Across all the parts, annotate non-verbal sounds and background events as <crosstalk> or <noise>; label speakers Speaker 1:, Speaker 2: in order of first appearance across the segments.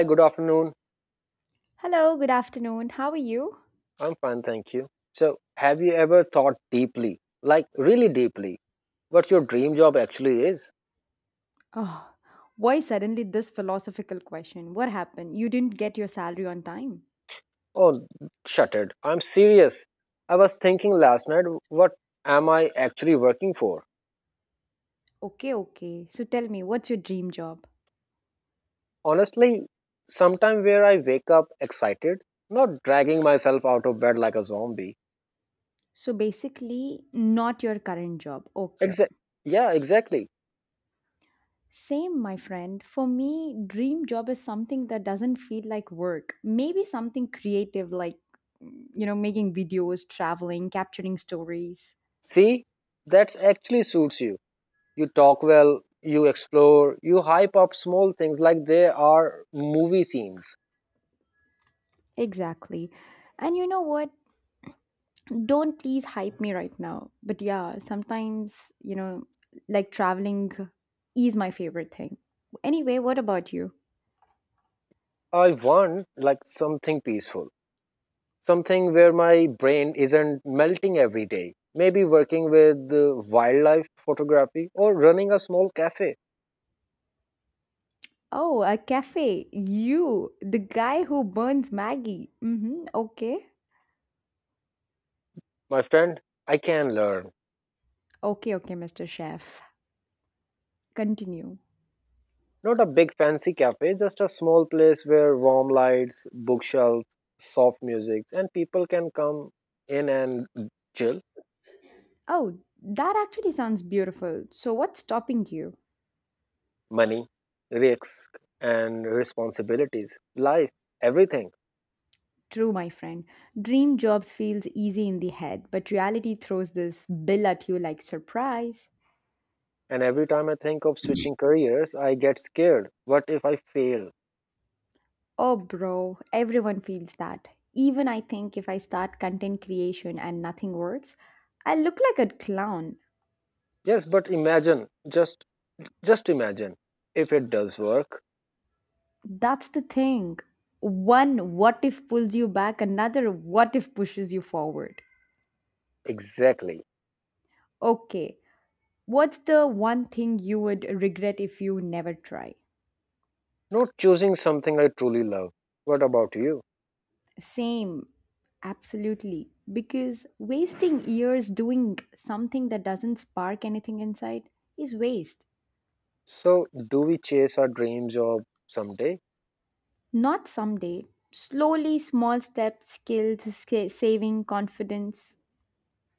Speaker 1: Hi, good afternoon.
Speaker 2: Hello, good afternoon. How are you?
Speaker 1: I'm fine, thank you. So, have you ever thought deeply, like really deeply, what your dream job actually is?
Speaker 2: Oh, why suddenly this philosophical question? What happened? You didn't get your salary on time.
Speaker 1: Oh, shuttered. I'm serious. I was thinking last night, what am I actually working for?
Speaker 2: Okay, okay. So tell me, what's your dream job?
Speaker 1: Honestly, sometime where I wake up excited, not dragging myself out of bed like a zombie.
Speaker 2: So basically, not your current job. Okay.
Speaker 1: Exa- yeah, exactly.
Speaker 2: Same, my friend. For me, dream job is something that doesn't feel like work. Maybe something creative like, making videos, traveling, capturing stories.
Speaker 1: See, that actually suits you. You talk well, you explore, you hype up small things like they are movie scenes.
Speaker 2: Exactly. And you know what? Don't please hype me right now. But yeah, sometimes, like traveling is my favorite thing. Anyway, what about you?
Speaker 1: I want like something peaceful, something where my brain isn't melting every day, maybe working with wildlife photography or running a small cafe.
Speaker 2: Oh, a cafe. You, the guy who burns Maggie. Mm-hmm. Okay.
Speaker 1: My friend, I can learn.
Speaker 2: Okay, okay, Mr. Chef. Continue.
Speaker 1: Not a big fancy cafe, just a small place where warm lights, bookshelves, soft music, and people can come in and chill.
Speaker 2: Oh, that actually sounds beautiful. So what's stopping you?
Speaker 1: Money, risk, and responsibilities, life, everything.
Speaker 2: True, my friend. Dream jobs feels easy in the head, but reality throws this bill at you like surprise.
Speaker 1: And every time I think of switching careers, I get scared. What if I fail?
Speaker 2: Oh, bro, everyone feels that. Even I think if I start content creation and nothing works, I look like a clown.
Speaker 1: Yes, but imagine, just imagine if it does work.
Speaker 2: That's the thing. One what if pulls you back, another what if pushes you forward.
Speaker 1: Exactly.
Speaker 2: Okay, what's the one thing you would regret if you never try?
Speaker 1: Not choosing something I truly love. What about you?
Speaker 2: Same, absolutely. Because wasting years doing something that doesn't spark anything inside is waste.
Speaker 1: So, do we chase our dreams of someday?
Speaker 2: Not someday. Slowly, small steps, skills, saving, confidence.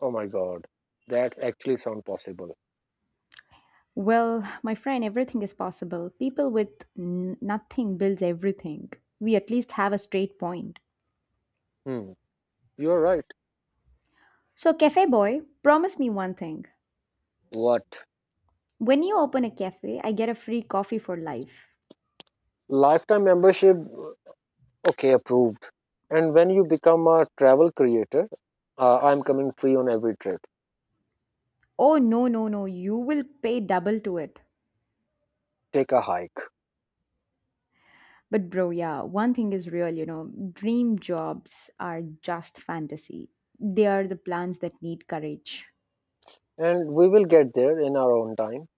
Speaker 1: Oh my god, that's actually sound possible.
Speaker 2: Well, my friend, everything is possible. People with nothing builds everything. We at least have a straight point.
Speaker 1: Hmm, you're right.
Speaker 2: So, cafe boy, promise me one thing.
Speaker 1: What?
Speaker 2: When you open a cafe, I get a free coffee for life.
Speaker 1: Lifetime membership. Okay, approved. And when you become a travel creator, I'm coming free on every trip.
Speaker 2: Oh, no, no, no. You will pay double to it.
Speaker 1: Take a hike.
Speaker 2: But, bro, yeah, one thing is real, dream jobs are just fantasy. They are the plans that need courage.
Speaker 1: And we will get there in our own time.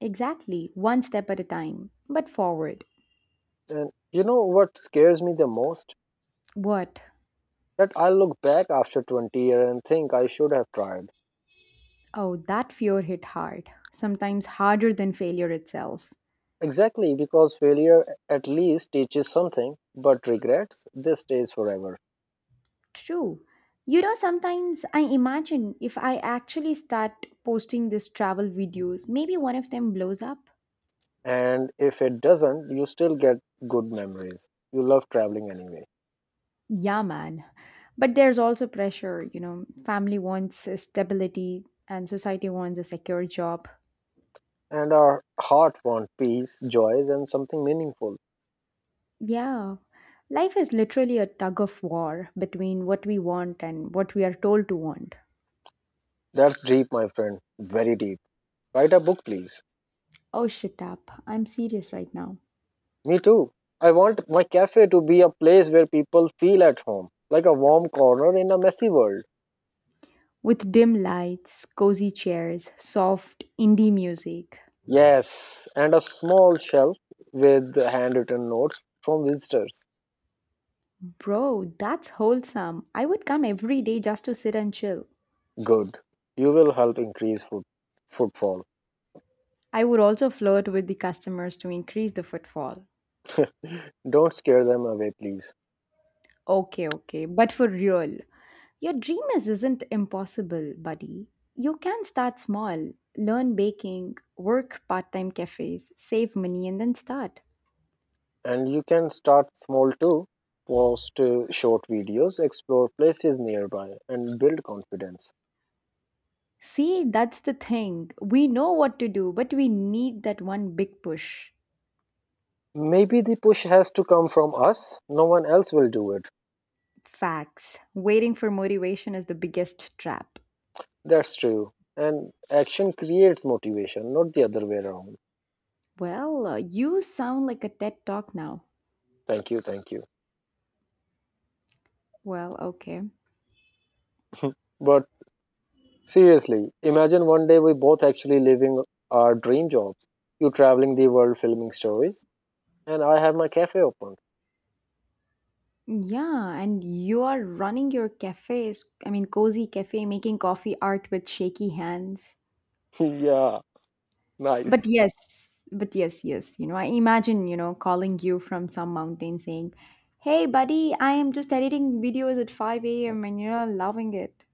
Speaker 2: Exactly, one step at a time, but forward.
Speaker 1: And you know what scares me the most?
Speaker 2: What?
Speaker 1: That I'll look back after 20 years and think I should have tried.
Speaker 2: Oh, that fear hit hard, sometimes harder than failure itself.
Speaker 1: Exactly, because failure at least teaches something, but regrets, they stays forever.
Speaker 2: True. Sometimes I imagine if I actually start posting these travel videos, maybe one of them blows up.
Speaker 1: And if it doesn't, you still get good memories. You love traveling anyway.
Speaker 2: Yeah, man. But there's also pressure, family wants a stability and society wants a secure job.
Speaker 1: And our heart want peace, joys, and something meaningful.
Speaker 2: Yeah. Life is literally a tug of war between what we want and what we are told to want.
Speaker 1: That's deep, my friend. Very deep. Write a book, please.
Speaker 2: Oh, shut up. I'm serious right now.
Speaker 1: Me too. I want my cafe to be a place where people feel at home, like a warm corner in a messy world.
Speaker 2: With dim lights, cozy chairs, soft indie music.
Speaker 1: Yes, and a small shelf with handwritten notes from visitors.
Speaker 2: Bro, that's wholesome. I would come every day just to sit and chill.
Speaker 1: Good. You will help increase footfall.
Speaker 2: I would also flirt with the customers to increase the footfall.
Speaker 1: Don't scare them away, please.
Speaker 2: Okay, okay, but for real, your dream isn't impossible, buddy. You can start small, learn baking, work part time cafes, save money, and then start.
Speaker 1: And you can start small too. Post short videos, explore places nearby, and build confidence.
Speaker 2: See, that's the thing. We know what to do, but we need that one big push.
Speaker 1: Maybe the push has to come from us. No one else will do it.
Speaker 2: Facts. Waiting for motivation is the biggest trap.
Speaker 1: That's true. And action creates motivation, not the other way around.
Speaker 2: Well, you sound like a TED talk now.
Speaker 1: Thank you, thank you.
Speaker 2: Well, okay.
Speaker 1: But seriously, imagine one day we both actually living our dream jobs. You traveling the world filming stories, and I have my cafe open.
Speaker 2: Yeah, and you are running your cafes, I mean, cozy cafe, making coffee art with shaky hands.
Speaker 1: <laughs> Yeah,
Speaker 2: But
Speaker 1: nice.
Speaker 2: yes, but yes. I imagine, calling you from some mountain saying, Hey, buddy, I am just editing videos at 5 a.m. and you're loving it.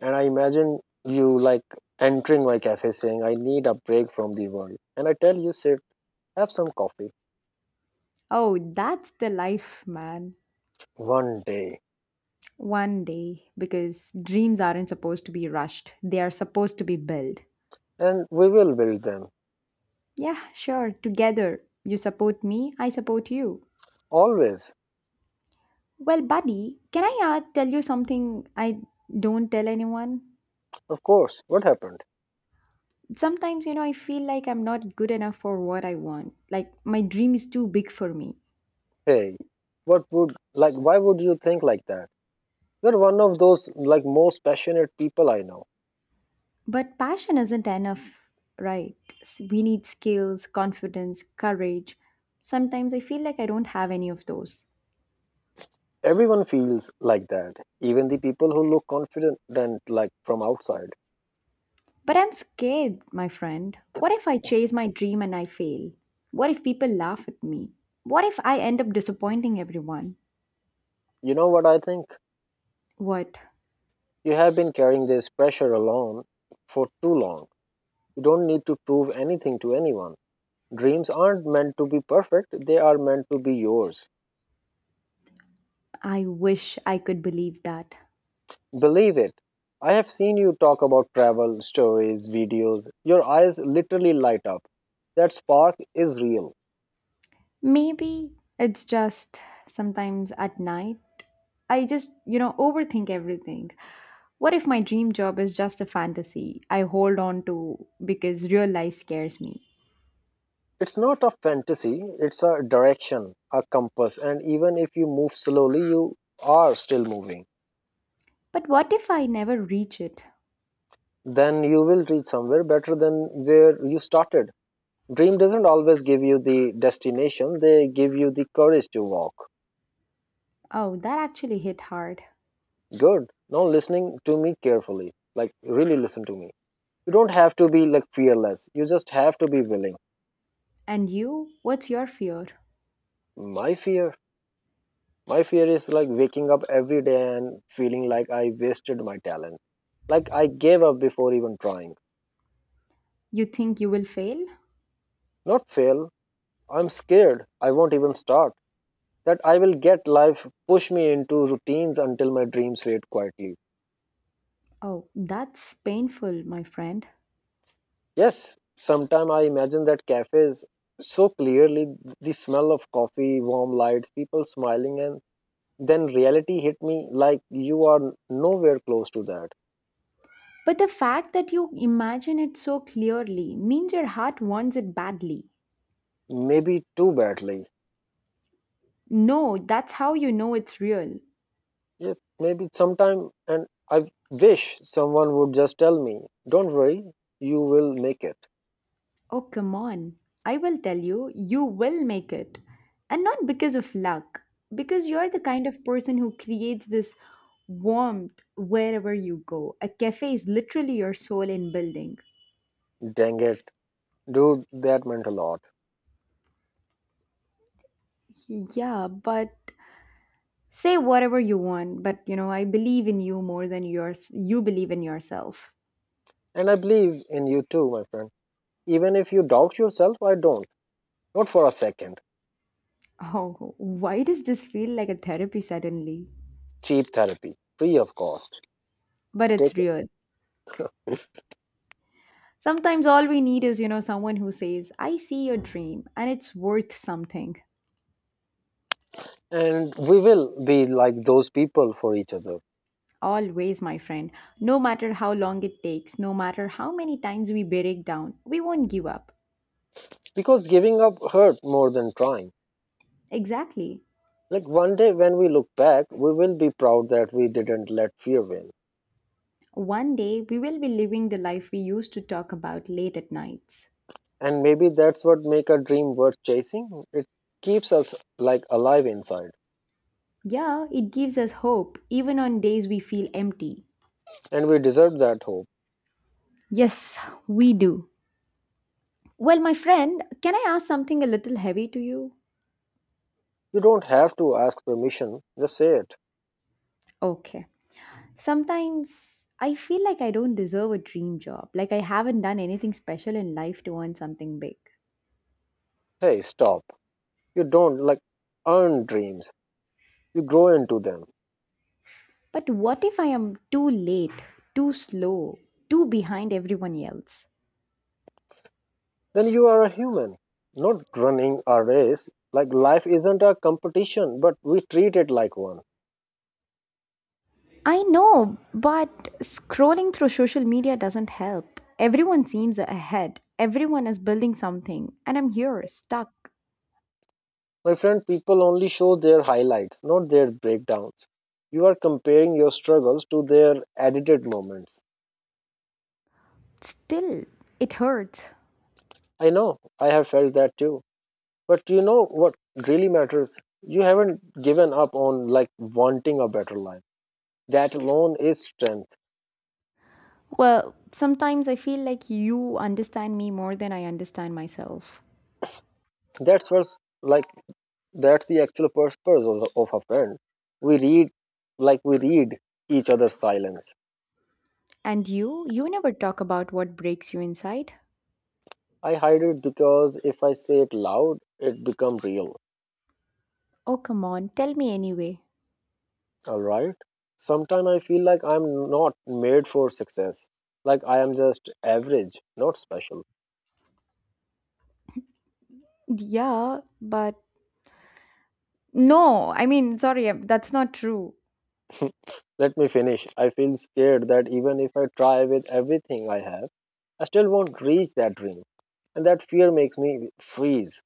Speaker 1: And I imagine you like entering my cafe saying, I need a break from the world. And I tell you, sit, have some coffee.
Speaker 2: Oh, that's the life, man.
Speaker 1: One day.
Speaker 2: One day, because dreams aren't supposed to be rushed, they are supposed to be built.
Speaker 1: And we will build them.
Speaker 2: Yeah, sure, together. You support me, I support you.
Speaker 1: Always.
Speaker 2: Well, buddy, can I tell you something I don't tell anyone?
Speaker 1: Of course, what happened?
Speaker 2: Sometimes, I feel like I'm not good enough for what I want. Like, my dream is too big for me.
Speaker 1: Hey, what would, like, why would you think like that? You're one of those, like, most passionate people I know.
Speaker 2: But passion isn't enough, right? We need skills, confidence, courage. Sometimes I feel like I don't have any of those.
Speaker 1: Everyone feels like that, even the people who look confident, and like, from outside.
Speaker 2: But I'm scared, my friend. What if I chase my dream and I fail? What if people laugh at me? What if I end up disappointing everyone?
Speaker 1: You know what I think?
Speaker 2: What?
Speaker 1: You have been carrying this pressure alone for too long. You don't need to prove anything to anyone. Dreams aren't meant to be perfect, they are meant to be yours.
Speaker 2: I wish I could believe that.
Speaker 1: Believe it. I have seen you talk about travel, stories, videos. Your eyes literally light up. That spark is real.
Speaker 2: Maybe it's just sometimes at night. I just, overthink everything. What if my dream job is just a fantasy I hold on to because real life scares me?
Speaker 1: It's not a fantasy, it's a direction, a compass, and even if you move slowly, you are still moving.
Speaker 2: But what if I never reach it?
Speaker 1: Then you will reach somewhere better than where you started. Dream doesn't always give you the destination, they give you the courage to walk.
Speaker 2: Oh, that actually hit hard.
Speaker 1: Good. Now listening to me carefully. Like really listen to me. You don't have to be like fearless. You just have to be willing.
Speaker 2: And you? What's your fear?
Speaker 1: My fear, my fear is like waking up every day and feeling like I wasted my talent, like I gave up before even trying.
Speaker 2: You think you will fail?
Speaker 1: Not fail, I'm scared, I won't even start, that I will get life push me into routines until my dreams fade quietly.
Speaker 2: Oh, that's painful, my friend.
Speaker 1: Yes, sometime I imagine that cafes so clearly, the smell of coffee, warm lights, people smiling, and then reality hit me like you are nowhere close to that,
Speaker 2: But the fact that you imagine it so clearly means your heart wants it badly.
Speaker 1: maybe too badly.
Speaker 2: No, that's how you know it's real.
Speaker 1: Yes, maybe sometime, and I wish someone would just tell me, don't worry, you will make it.
Speaker 2: Oh, come on. I will tell you, you will make it. And not because of luck, because you're the kind of person who creates this warmth wherever you go. A cafe is literally your soul in building.
Speaker 1: Dang it, dude, that meant a lot.
Speaker 2: Yeah, but say whatever you want, but I believe in you more than yours you believe in yourself. <laughs>
Speaker 1: And I believe in you too, my friend. Even if you doubt yourself, I don't. Not for a second.
Speaker 2: Oh, why does this feel like a therapy suddenly?
Speaker 1: Cheap therapy, free of cost.
Speaker 2: But
Speaker 1: Take
Speaker 2: it's
Speaker 1: it.
Speaker 2: real. Sometimes all we need is, someone who says, I see your dream and it's worth something.
Speaker 1: And we will be like those people for each other.
Speaker 2: Always, my friend. No matter how long it takes, no matter how many times we break down, we won't give up.
Speaker 1: Because giving up hurt more than trying.
Speaker 2: Exactly.
Speaker 1: Like one day when we look back, we will be proud that we didn't let fear win.
Speaker 2: One day, we will be living the life we used to talk about late at nights.
Speaker 1: And maybe that's what make a dream worth chasing, it keeps us like alive inside.
Speaker 2: Yeah, it gives us hope even on days we feel empty.
Speaker 1: And we deserve that hope.
Speaker 2: Yes, we do. Well, my friend, can I ask something a little heavy to you?
Speaker 1: You don't have to ask permission, just say it.
Speaker 2: Okay. Sometimes I feel like I don't deserve a dream job, like I haven't done anything special in life to earn something big.
Speaker 1: Hey, stop. You don't like earn dreams, you grow into them.
Speaker 2: But what if I am too late, too slow, too behind everyone else?
Speaker 1: Then you are a human, not running a race. Like life isn't a competition, but we treat it like one.
Speaker 2: I know, but scrolling through social media doesn't help. Everyone seems ahead, everyone is building something, and I'm here, stuck.
Speaker 1: My friend, people only show their highlights, not their breakdowns. You are comparing your struggles to their edited moments.
Speaker 2: Still, it hurts.
Speaker 1: I know, I have felt that too. But you know what really matters? You haven't given up on like wanting a better life. That alone is strength.
Speaker 2: Well, sometimes I feel like you understand me more than I understand myself.
Speaker 1: That's what's like, that's the actual purpose of, a friend. We read, like we read each other's silence.
Speaker 2: And you never talk about what breaks you inside.
Speaker 1: I hide it because if I say it loud, it become real.
Speaker 2: Oh, come on, tell me anyway.
Speaker 1: All right. Sometimes I feel like I'm not made for success. Like I am just average, not special.
Speaker 2: Yeah, but no, I mean, sorry, that's not true.
Speaker 1: Let me finish. I feel scared that even if I try with everything I have, I still won't reach that dream. And that fear makes me freeze.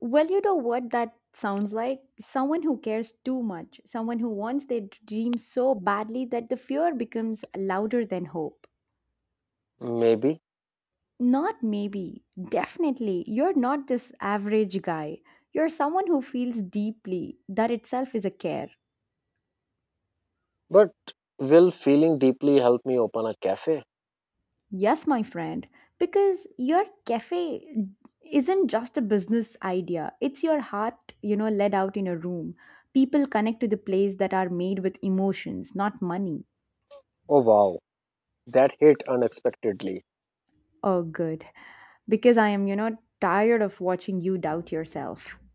Speaker 2: Well, you know what that sounds like? Someone who cares too much, someone who wants their dream so badly that the fear becomes louder than hope.
Speaker 1: Maybe.
Speaker 2: Not maybe, definitely. You're not this average guy. You're someone who feels deeply. That itself is a care.
Speaker 1: But will feeling deeply help me open a cafe?
Speaker 2: Yes, my friend, because your cafe isn't just a business idea, it's your heart, let out in a room. People connect to the place that are made with emotions, not money.
Speaker 1: Oh wow, that hit unexpectedly.
Speaker 2: Oh, good. Because I am, tired of watching you doubt yourself. <laughs>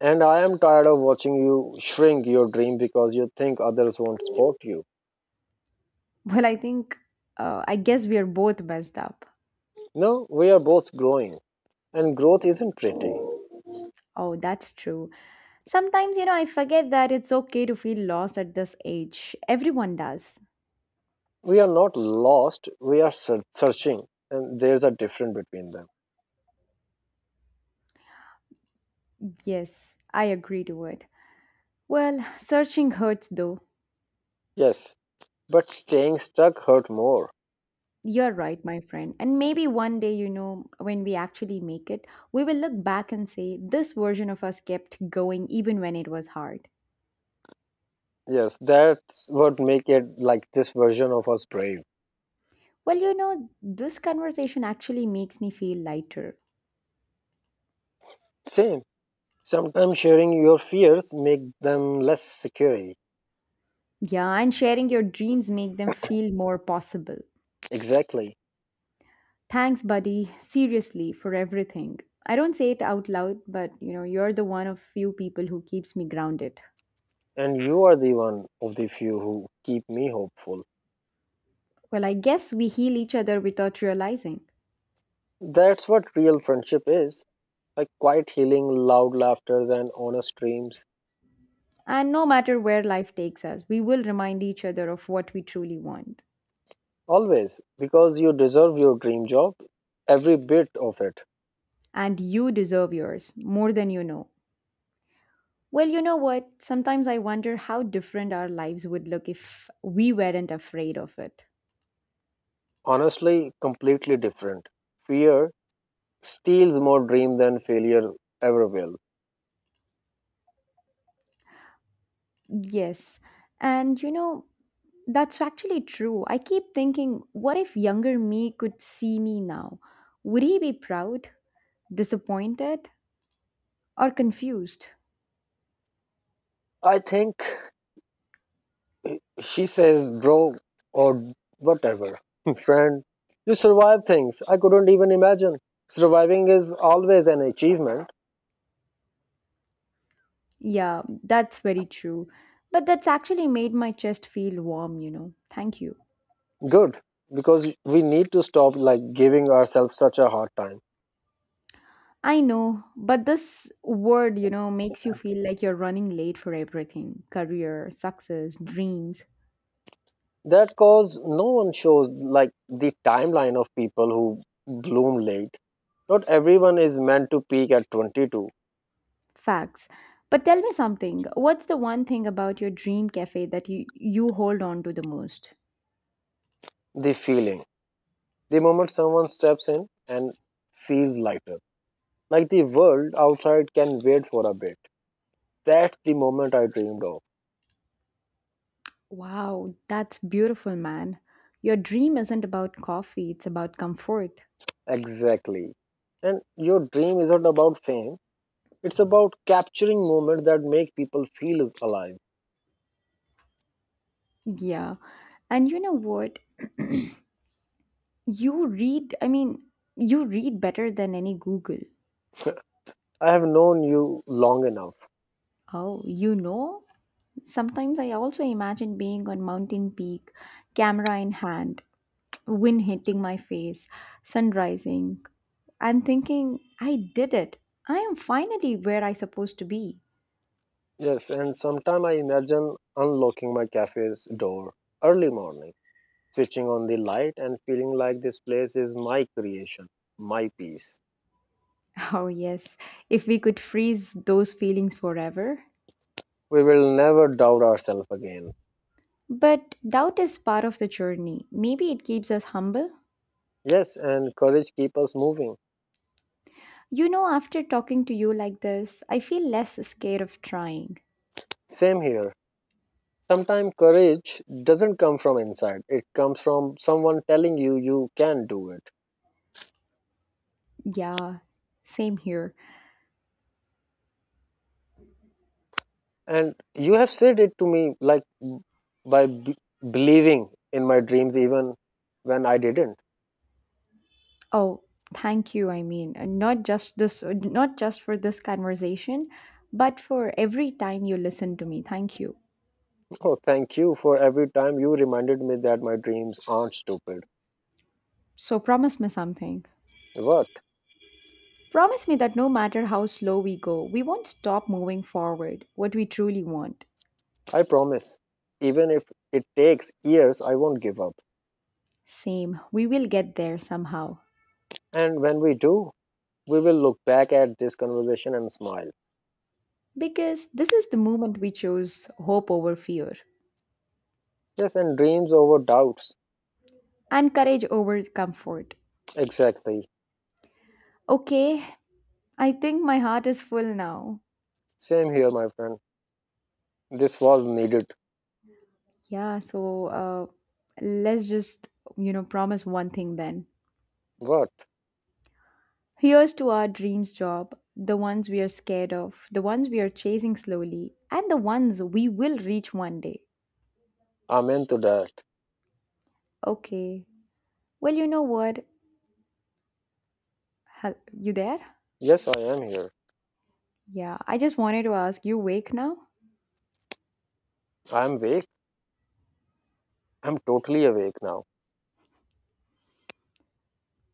Speaker 1: And I am tired of watching you shrink your dream because you think others won't support you.
Speaker 2: Well, I think, I guess we are both messed up.
Speaker 1: No, we are both growing. And growth isn't pretty.
Speaker 2: Oh, that's true. Sometimes, I forget that it's okay to feel lost at this age. Everyone does.
Speaker 1: We are not lost, we are searching. And there's a difference between them.
Speaker 2: Yes, I agree to it. Well, searching hurts though.
Speaker 1: Yes, but staying stuck hurt more.
Speaker 2: You're right, my friend. And maybe one day, when we actually make it, we will look back and say, this version of us kept going even when it was hard.
Speaker 1: Yes, that's what make it like this version of us brave.
Speaker 2: Well, this conversation actually makes me feel lighter.
Speaker 1: Same. Sometimes sharing your fears make them less scary.
Speaker 2: Yeah, and sharing your dreams make them feel more possible.
Speaker 1: Exactly.
Speaker 2: Thanks, buddy, seriously, for everything. I don't say it out loud, but you're the one of few people who keeps me grounded.
Speaker 1: And you are the one of the few who keep me hopeful.
Speaker 2: Well, I guess we heal each other without realizing.
Speaker 1: That's what real friendship is. Like quiet healing, loud laughters and honest dreams.
Speaker 2: And no matter where life takes us, we will remind each other of what we truly want.
Speaker 1: Always. Because you deserve your dream job. Every bit of it.
Speaker 2: And you deserve yours more than you know. Well, you know what? Sometimes I wonder how different our lives would look if we weren't afraid of it.
Speaker 1: Honestly, completely different. Fear steals more dream than failure ever will.
Speaker 2: Yes. And that's actually true. I keep thinking, what if younger me could see me now? Would he be proud, disappointed, or confused?
Speaker 1: I think she says, bro, or whatever. <laughs> Friend, you survive things I couldn't even imagine. Surviving is always an achievement.
Speaker 2: Yeah, that's very true. But that's actually made my chest feel warm. Thank you.
Speaker 1: Good, because we need to stop like giving ourselves such a hard time.
Speaker 2: I know, but this word, makes you feel like you're running late for everything career, success, dreams,
Speaker 1: That cause no one shows like the timeline of people who bloom late. Not everyone is meant to peak at 22.
Speaker 2: facts. But tell me something what's the one thing about your dream cafe that you hold on to the most?
Speaker 1: The feeling, the moment someone steps in and feels lighter, like the world outside can wait for a bit. That's the moment I dreamed of.
Speaker 2: Wow, that's beautiful, man. Your dream isn't about coffee, it's about comfort.
Speaker 1: Exactly. And your dream isn't about fame, it's about capturing moments that make people feel is alive.
Speaker 2: Yeah. And you know what? I mean, you read better than any Google.
Speaker 1: I have known you long enough.
Speaker 2: Oh, you know? Sometimes I also imagine being on mountain peak, camera in hand, <tsk> wind hitting my face, sun rising, and thinking, I did it. I am finally where I supposed to be.
Speaker 1: Yes, and sometime I imagine unlocking my cafe's door early morning, switching on the light and feeling like this place is my creation, my peace.
Speaker 2: <laughs> Oh yes, if we could freeze those feelings forever.
Speaker 1: We will never doubt ourselves again.
Speaker 2: But doubt is part of the journey. Maybe it keeps us humble.
Speaker 1: Yes, and courage keep us moving.
Speaker 2: After talking to you like this, I feel less scared of trying.
Speaker 1: Same here. Sometimes courage doesn't come from inside, it comes from someone telling you you can do it.
Speaker 2: Yeah, same here.
Speaker 1: And you have said it to me like by believing in my dreams even when I didn't.
Speaker 2: Oh, thank you. I mean, not just for this conversation, but for every time you listen to me. Thank you.
Speaker 1: <laughs> Oh, thank you for every time you reminded me that my dreams aren't stupid.
Speaker 2: So promise me something.
Speaker 1: Worth,
Speaker 2: Promise me that no matter how slow we go, we won't stop moving forward what we truly want.
Speaker 1: I promise. Even if it takes years, I won't give up.
Speaker 2: Same, we will get there somehow.
Speaker 1: And when we do, we will look back at this conversation and smile.
Speaker 2: Because this is the moment we chose hope over fear
Speaker 1: Yes, and dreams over doubts.
Speaker 2: and courage over comfort.
Speaker 1: Exactly.
Speaker 2: Okay, I think my heart is full now.
Speaker 1: Same here, my friend. This was needed.
Speaker 2: Yeah, so let's just, promise one thing then.
Speaker 1: What?
Speaker 2: Here's to our dreams job, the ones we are scared of, the ones we are chasing slowly, and the ones we will reach one day.
Speaker 1: Amen to that.
Speaker 2: Okay. Well, you know what? You there?
Speaker 1: Yes, I am here.
Speaker 2: Yeah, I just wanted to ask, you awake now?
Speaker 1: I am awake. I'm totally awake now.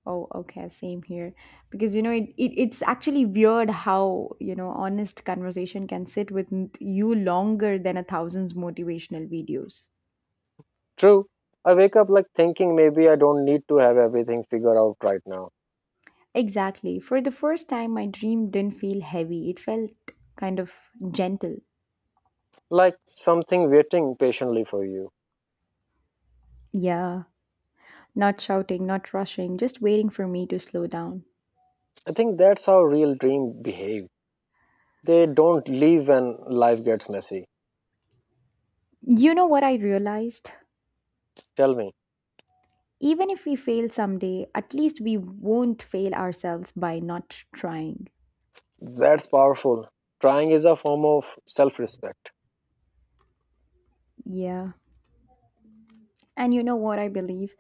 Speaker 2: Oh, okay, same here. Because, it's actually weird how, honest conversation can sit with you longer than a thousand's motivational videos.
Speaker 1: True. I wake up like thinking maybe I don't need to have everything figured out right now.
Speaker 2: Exactly. For the first time, my dream didn't feel heavy. It felt kind of gentle.
Speaker 1: Like something waiting patiently for you.
Speaker 2: Yeah. Not shouting, not rushing, just waiting for me to slow down.
Speaker 1: I think that's how real dreams behave. They don't leave when life gets messy.
Speaker 2: You know what I realized?
Speaker 1: Tell me.
Speaker 2: Even if we fail someday, at least we won't fail ourselves by not trying.
Speaker 1: That's powerful. Trying is a form of self respect.
Speaker 2: Yeah. And you know what I believe?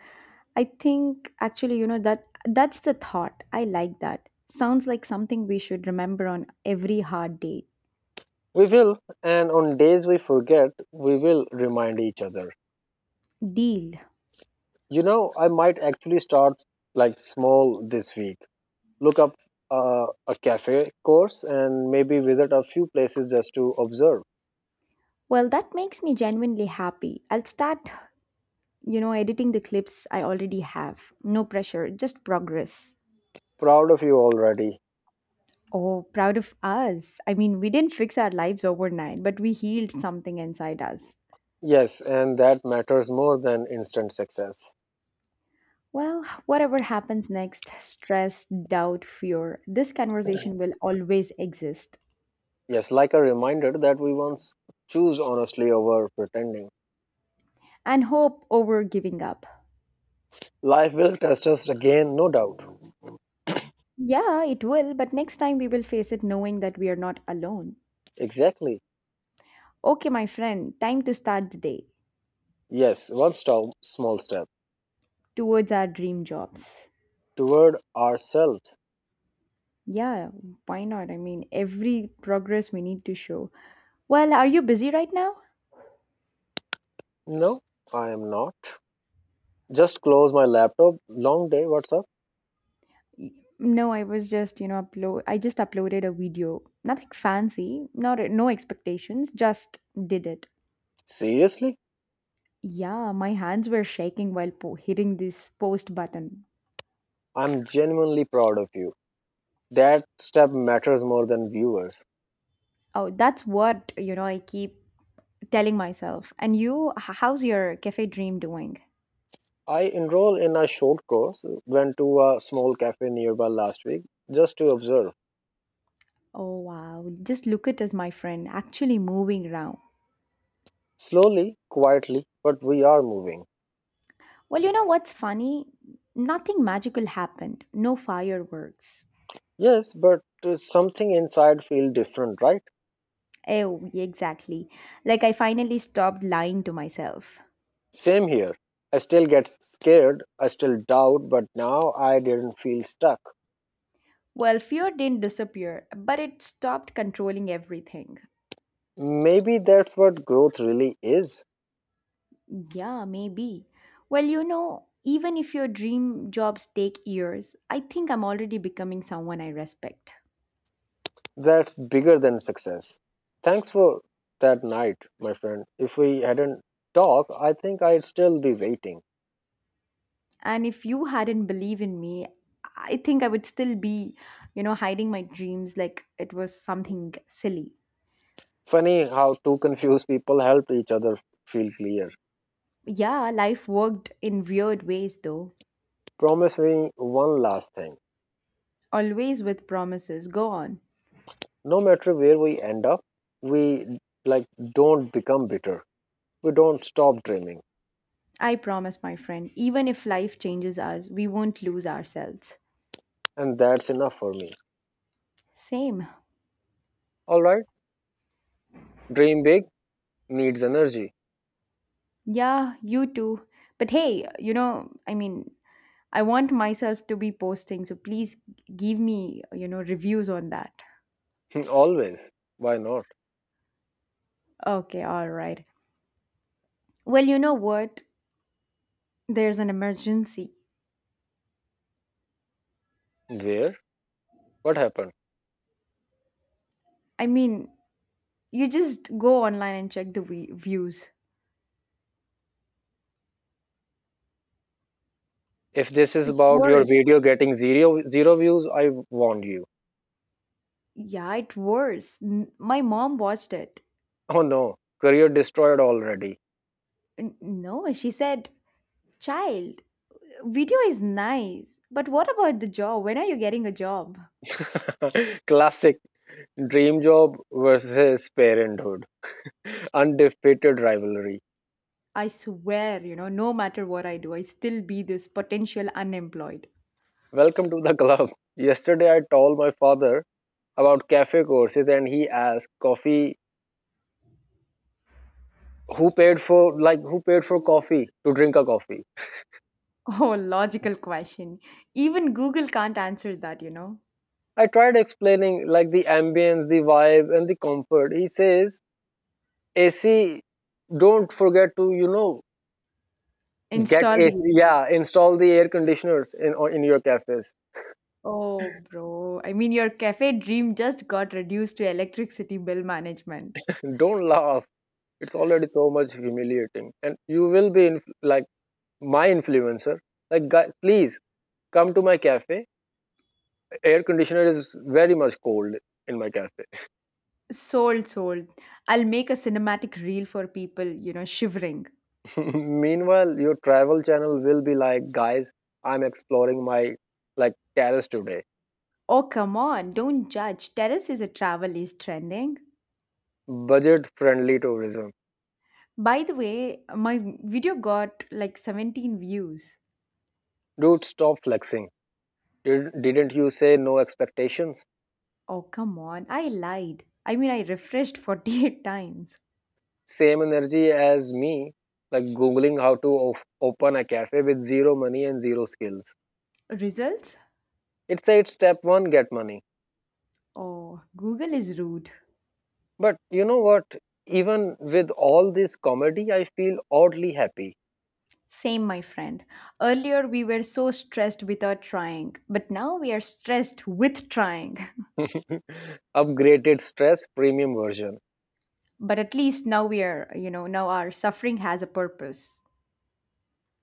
Speaker 2: I think actually, you know that that's the thought. I like that. Sounds like something we should remember on every hard day.
Speaker 1: We will, and on days we forget, we will remind each other.
Speaker 2: Deal.
Speaker 1: You know, I might actually start like small this week. Look up a cafe course and maybe visit a few places just to observe.
Speaker 2: Well, that makes me genuinely happy. I'll start, editing the clips I already have. No pressure, just progress.
Speaker 1: Proud of you already.
Speaker 2: Oh, proud of us. I mean, we didn't fix our lives overnight, but we healed something inside us.
Speaker 1: Yes, and that matters more than instant success.
Speaker 2: Well, whatever happens next, stress, doubt, fear, this conversation will always exist.
Speaker 1: Yes, like a reminder that we once choose honestly over pretending.
Speaker 2: And hope over giving up.
Speaker 1: Life will test us again, no doubt.
Speaker 2: Yeah, it will, but next time we will face it knowing that we are not alone.
Speaker 1: Exactly.
Speaker 2: Okay, my friend, time to start the day
Speaker 1: Yes, one stop, small step
Speaker 2: towards our dream jobs.
Speaker 1: toward ourselves.
Speaker 2: Yeah, why not? I mean, every progress we need to show. Well, are you busy right now?
Speaker 1: No, I am not. Just close my laptop. Long day. What's up?
Speaker 2: Y- No, I was just, upload I just uploaded a video. Nothing fancy, not no expectations, just did it.
Speaker 1: Seriously,
Speaker 2: Yeah, my hands were shaking while hitting this post button.
Speaker 1: I'm genuinely proud of you. That step matters more than viewers.
Speaker 2: Oh, that's what, I keep telling myself. And you, how's your cafe dream doing?
Speaker 1: I enrolled in a short course, went to a small cafe nearby last week just to observe.
Speaker 2: Oh, wow. Just look at us, my friend, actually moving around.
Speaker 1: Slowly, quietly, but we are moving.
Speaker 2: Well, you know what's funny? Nothing magical happened. No fireworks.
Speaker 1: Yes, but something inside feels different, right?
Speaker 2: Oh, exactly. Like I finally stopped lying to myself.
Speaker 1: Same here. I still get scared, I still doubt, but now I didn't feel stuck.
Speaker 2: Well, fear didn't disappear, but it stopped controlling everything.
Speaker 1: Maybe that's what growth really is.
Speaker 2: Yeah, maybe. Well, even if your dream jobs take years, I think I'm already becoming someone I respect.
Speaker 1: That's bigger than success. Thanks for that night, my friend. If we hadn't talked, I think I'd still be waiting.
Speaker 2: And if you hadn't believed in me, I think I would still be, hiding my dreams like it was something silly.
Speaker 1: Funny how two confused people helped each other feel clear.
Speaker 2: Yeah, life worked in weird ways though.
Speaker 1: Promise me one last thing.
Speaker 2: Always with promises. Go on.
Speaker 1: No matter where we end up, we like don't become bitter. We don't stop dreaming.
Speaker 2: I promise, my friend, even if life changes us, we won't lose ourselves.
Speaker 1: And that's enough for me.
Speaker 2: Same.
Speaker 1: Alright? Dream big needs energy.
Speaker 2: Yeah, you too. But hey, I mean, I want myself to be posting, so please give me, reviews on that.
Speaker 1: <laughs> Always. Why not?
Speaker 2: Okay, all right. Well, you know what? There's an emergency.
Speaker 1: Where? What happened?
Speaker 2: I mean, you just go online and check the views.
Speaker 1: If this is
Speaker 2: It's
Speaker 1: about your
Speaker 2: worse.
Speaker 1: video getting zero zero views, I warn you.
Speaker 2: Yeah, it was. My mom watched it.
Speaker 1: <laughs> Oh no, career destroyed already.
Speaker 2: No, she said, "Child, video is nice, but what about the job? When are you getting a job?"
Speaker 1: <laughs> Classic dream job versus parenthood. Undefeated rivalry.
Speaker 2: I swear, no matter what I do, I still be this potential unemployed. <laughs>
Speaker 1: Welcome to the club. Yesterday I told my father about cafe courses and he asked coffee who paid for coffee to drink a coffee.
Speaker 2: Oh, logical question. Even Google can't answer that.
Speaker 1: I tried explaining like the ambience, the vibe and the comfort. He says AC don't forget to you know Get
Speaker 2: Install
Speaker 1: AC,
Speaker 2: the.
Speaker 1: yeah, install the air conditioners in your cafes.
Speaker 2: Oh, bro. I mean, your cafe dream just got reduced to electricity bill management.
Speaker 1: <laughs> Don't laugh. It's already so much humiliating, and you will be like my influencer. Like, guy, please come to my cafe. Air conditioner is very much cold in my cafe.
Speaker 2: Sold, sold. I'll make a cinematic reel for people, shivering.
Speaker 1: <laughs> Meanwhile, your travel channel will be like, guys, I'm exploring my like terrace today.
Speaker 2: Oh, come on, don't judge. Terrace is a travel is trending.
Speaker 1: Budget friendly tourism.
Speaker 2: By the way, my video got like 17 views.
Speaker 1: Dude, stop flexing. Didn't you say no expectations?
Speaker 2: Oh, come on, I lied. I mean, I refreshed 48 <laughs> times.
Speaker 1: Same energy as me, like Googling how to open a cafe with zero money and zero skills.
Speaker 2: Results?
Speaker 1: It said step one, get money.
Speaker 2: Oh, Google is rude.
Speaker 1: But you know what? Even with all this comedy, I feel oddly happy.
Speaker 2: Same, my friend. Earlier, we were so stressed without trying, but now we are stressed with trying.
Speaker 1: <laughs> Upgraded stress premium version
Speaker 2: But at least now we are, now our suffering has a purpose.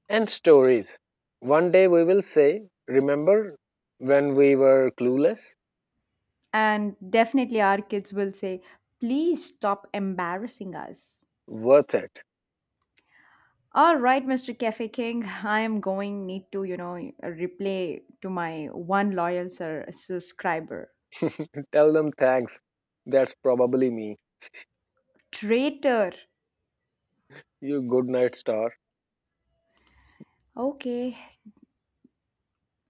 Speaker 1: and stories. One day we will say, Remember when we were clueless?
Speaker 2: And definitely our kids will say, "Please stop embarrassing us."
Speaker 1: Worth it.
Speaker 2: All right, Mr. Cafe King, <laughs> I am going need to, replay to my one loyal sir subscriber.
Speaker 1: <laughs> Tell them thanks. That's probably me.
Speaker 2: Traitor.
Speaker 1: You good night star.
Speaker 2: Okay,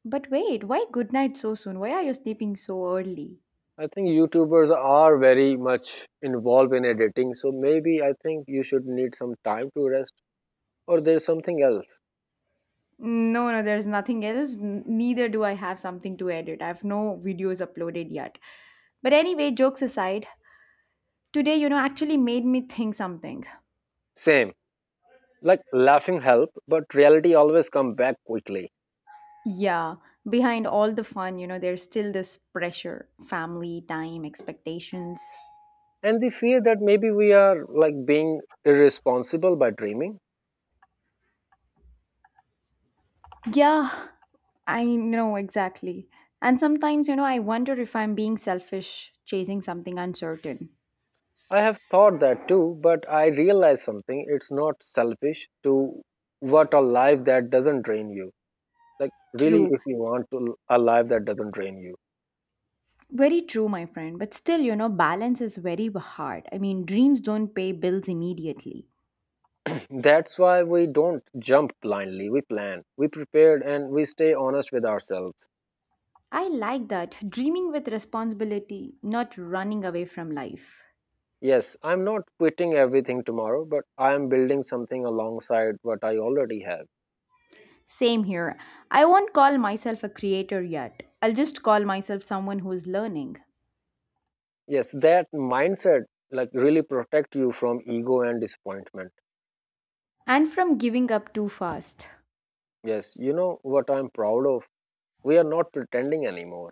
Speaker 2: but wait, why good night so soon? Why are you sleeping so early?
Speaker 1: I think YouTubers are very much involved in editing, so maybe I think you should need some time to rest or there's something else.
Speaker 2: No, no, there's nothing else. Neither do I have something to edit. I have no videos uploaded yet. But anyway, jokes aside, today, actually made me think something.
Speaker 1: Same. Like laughing help, but reality always come back quickly.
Speaker 2: Yeah, behind all the fun, there's still this pressure, family time, expectations.
Speaker 1: And the fear that maybe we are like being irresponsible by dreaming.
Speaker 2: Yeah, I know exactly. And sometimes, I wonder if I'm being selfish, chasing something uncertain.
Speaker 1: I have thought that too, but I realized something. It's not selfish to want a life that doesn't drain you. Like really
Speaker 2: True,
Speaker 1: if you want to a life that doesn't drain you.
Speaker 2: very true, my friend, but still, balance is very hard. I mean, dreams don't pay bills immediately.
Speaker 1: That's why we don't jump blindly. We plan, we prepare, and we stay honest with ourselves.
Speaker 2: I like that, dreaming with responsibility, not running away from life.
Speaker 1: Yes, I'm not quitting everything tomorrow, but I am building something alongside what I already have.
Speaker 2: Same here. I won't call myself a creator yet. I'll just call myself someone who's learning.
Speaker 1: Yes, that mindset like really protect you from ego and disappointment.
Speaker 2: And from giving up too fast.
Speaker 1: Yes, you know what I'm proud of? We are not pretending anymore.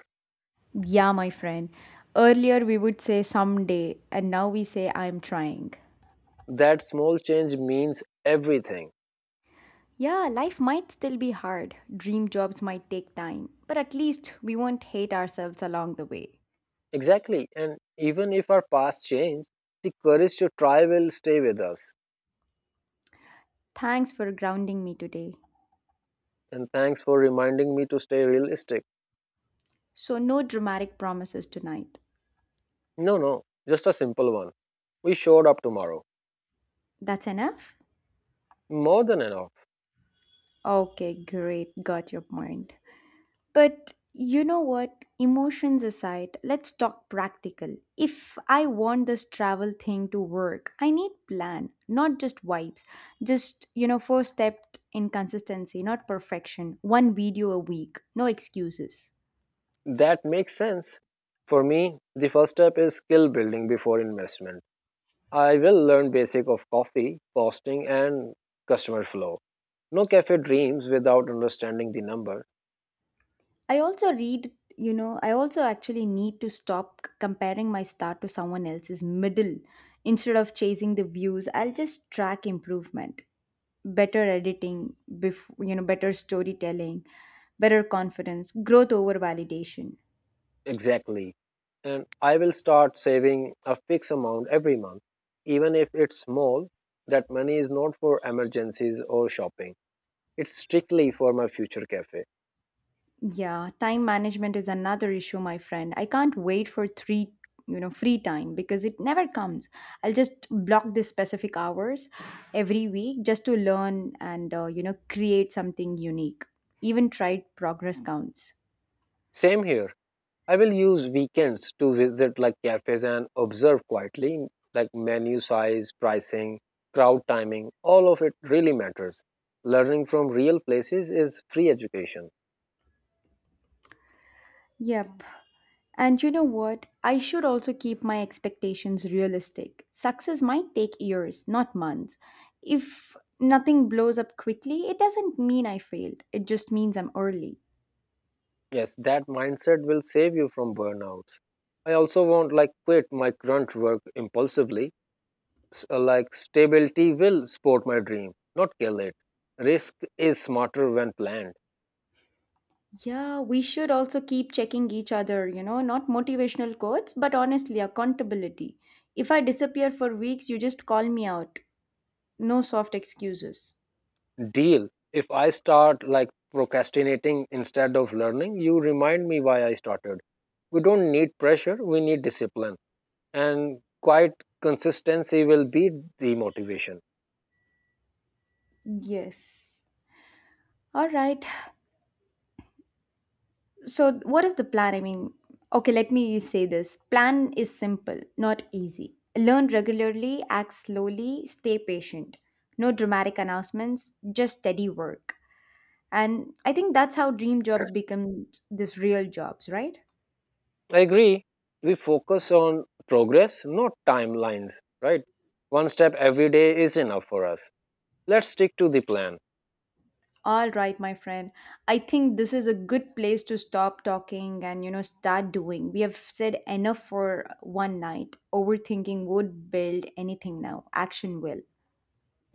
Speaker 2: Yeah, my friend. Earlier we would say someday, and now we say I'm trying.
Speaker 1: That small change means everything.
Speaker 2: Yeah, life might still be hard. Dream jobs might take time. But at least we won't hate ourselves along the way.
Speaker 1: Exactly. And even if our past change, the courage to try will stay with us.
Speaker 2: Thanks for grounding me today.
Speaker 1: And thanks for reminding me to stay realistic.
Speaker 2: So, no dramatic promises tonight.
Speaker 1: No, no, just a simple one. We showed up tomorrow.
Speaker 2: That's enough?
Speaker 1: More than enough.
Speaker 2: Okay, great. Got your point. But you know what? Emotions aside, let's talk practical. If I want this travel thing to work, I need plan, not just vibes. Just, first step in consistency, not perfection. One video a week, no excuses.
Speaker 1: That makes sense. For me, the first step is skill building before investment. I will learn basic of coffee, costing and customer flow. No cafe dreams without understanding the number
Speaker 2: I also read, I also actually need to stop comparing my start to someone else's middle. Instead of chasing the views, I'll just track improvement. Better editing, before better storytelling, better confidence, growth over validation.
Speaker 1: exactly. And I will start saving a fixed amount every month, even if it's small. That money is not for emergencies or shopping. It's strictly for my future cafe.
Speaker 2: Yeah, time management is another issue, my friend. I can't wait for three, free time because it never comes. I'll just block these specific hours every week just to learn and create something unique. Even tried, progress counts.
Speaker 1: Same here. I will use weekends to visit like cafes and observe quietly, like menu size, pricing, crowd timing, all of it really matters. Learning from real places is free education.
Speaker 2: Yeah. And you know what? I should also keep my expectations realistic. Success might take years, not months. If nothing blows up quickly, it doesn't mean I failed. It just means I'm early.
Speaker 1: Yes, that mindset will save you from burnouts. I also won't like quit my grunt work impulsively. Like stability will support my dream, not kill it. Risk is smarter when planned.
Speaker 2: Yeah, we should also keep checking each other, not motivational quotes, but honestly, accountability. If I disappear for weeks, you just call me out. No soft excuses.
Speaker 1: Deal. If I start like procrastinating instead of learning, you remind me why I started. We don't need pressure, we need discipline. And quite consistency will be the motivation.
Speaker 2: Yes. All right. So, what is the plan? I mean, okay, let me say this plan is simple, not easy. Learn regularly, act slowly, stay patient. No dramatic announcements, just steady work. And I think that's how dream jobs become this real jobs, right?
Speaker 1: I agree. We focus on progress, not timelines, right? One step every day is enough for us. Let's stick to the plan.
Speaker 2: All right, my friend. I think this is a good place to stop talking and, start doing. We have said enough for one night. Overthinking would build anything now. Action will.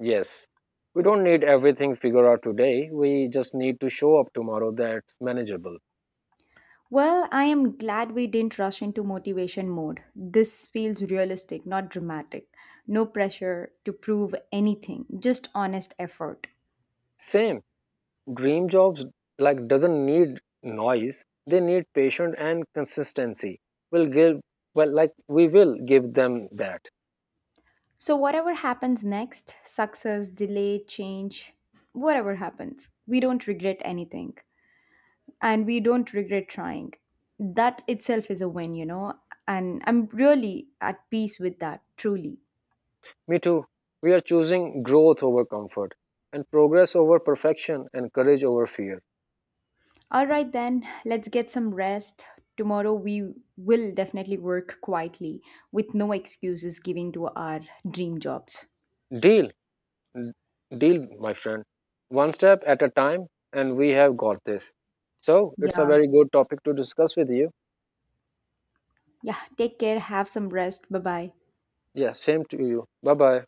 Speaker 1: Yes. We don't need everything figured out today. We just need to show up tomorrow, that's manageable.
Speaker 2: Well, I am glad we didn't rush into motivation mode. This feels realistic, not dramatic. No pressure to prove anything, just honest effort.
Speaker 1: Same, dream jobs like doesn't need noise, they need patience and consistency, will give, well, like we will give them that.
Speaker 2: So, whatever happens next, success, delay, change, whatever happens, we don't regret anything, and we don't regret trying. That itself is a win, and I'm really at peace with that, truly.
Speaker 1: Me too, we are choosing growth over comfort and progress over perfection and courage over fear.
Speaker 2: All right, then, let's get some rest. Tomorrow we will definitely work quietly with no excuses given to our dream jobs.
Speaker 1: Deal. Deal, my friend. One step at a time and we have got this. So it's a
Speaker 2: Yeah,
Speaker 1: very good topic to discuss with you.
Speaker 2: yeah, take care, have some rest. Bye bye.
Speaker 1: Yeah, same to you. Bye bye.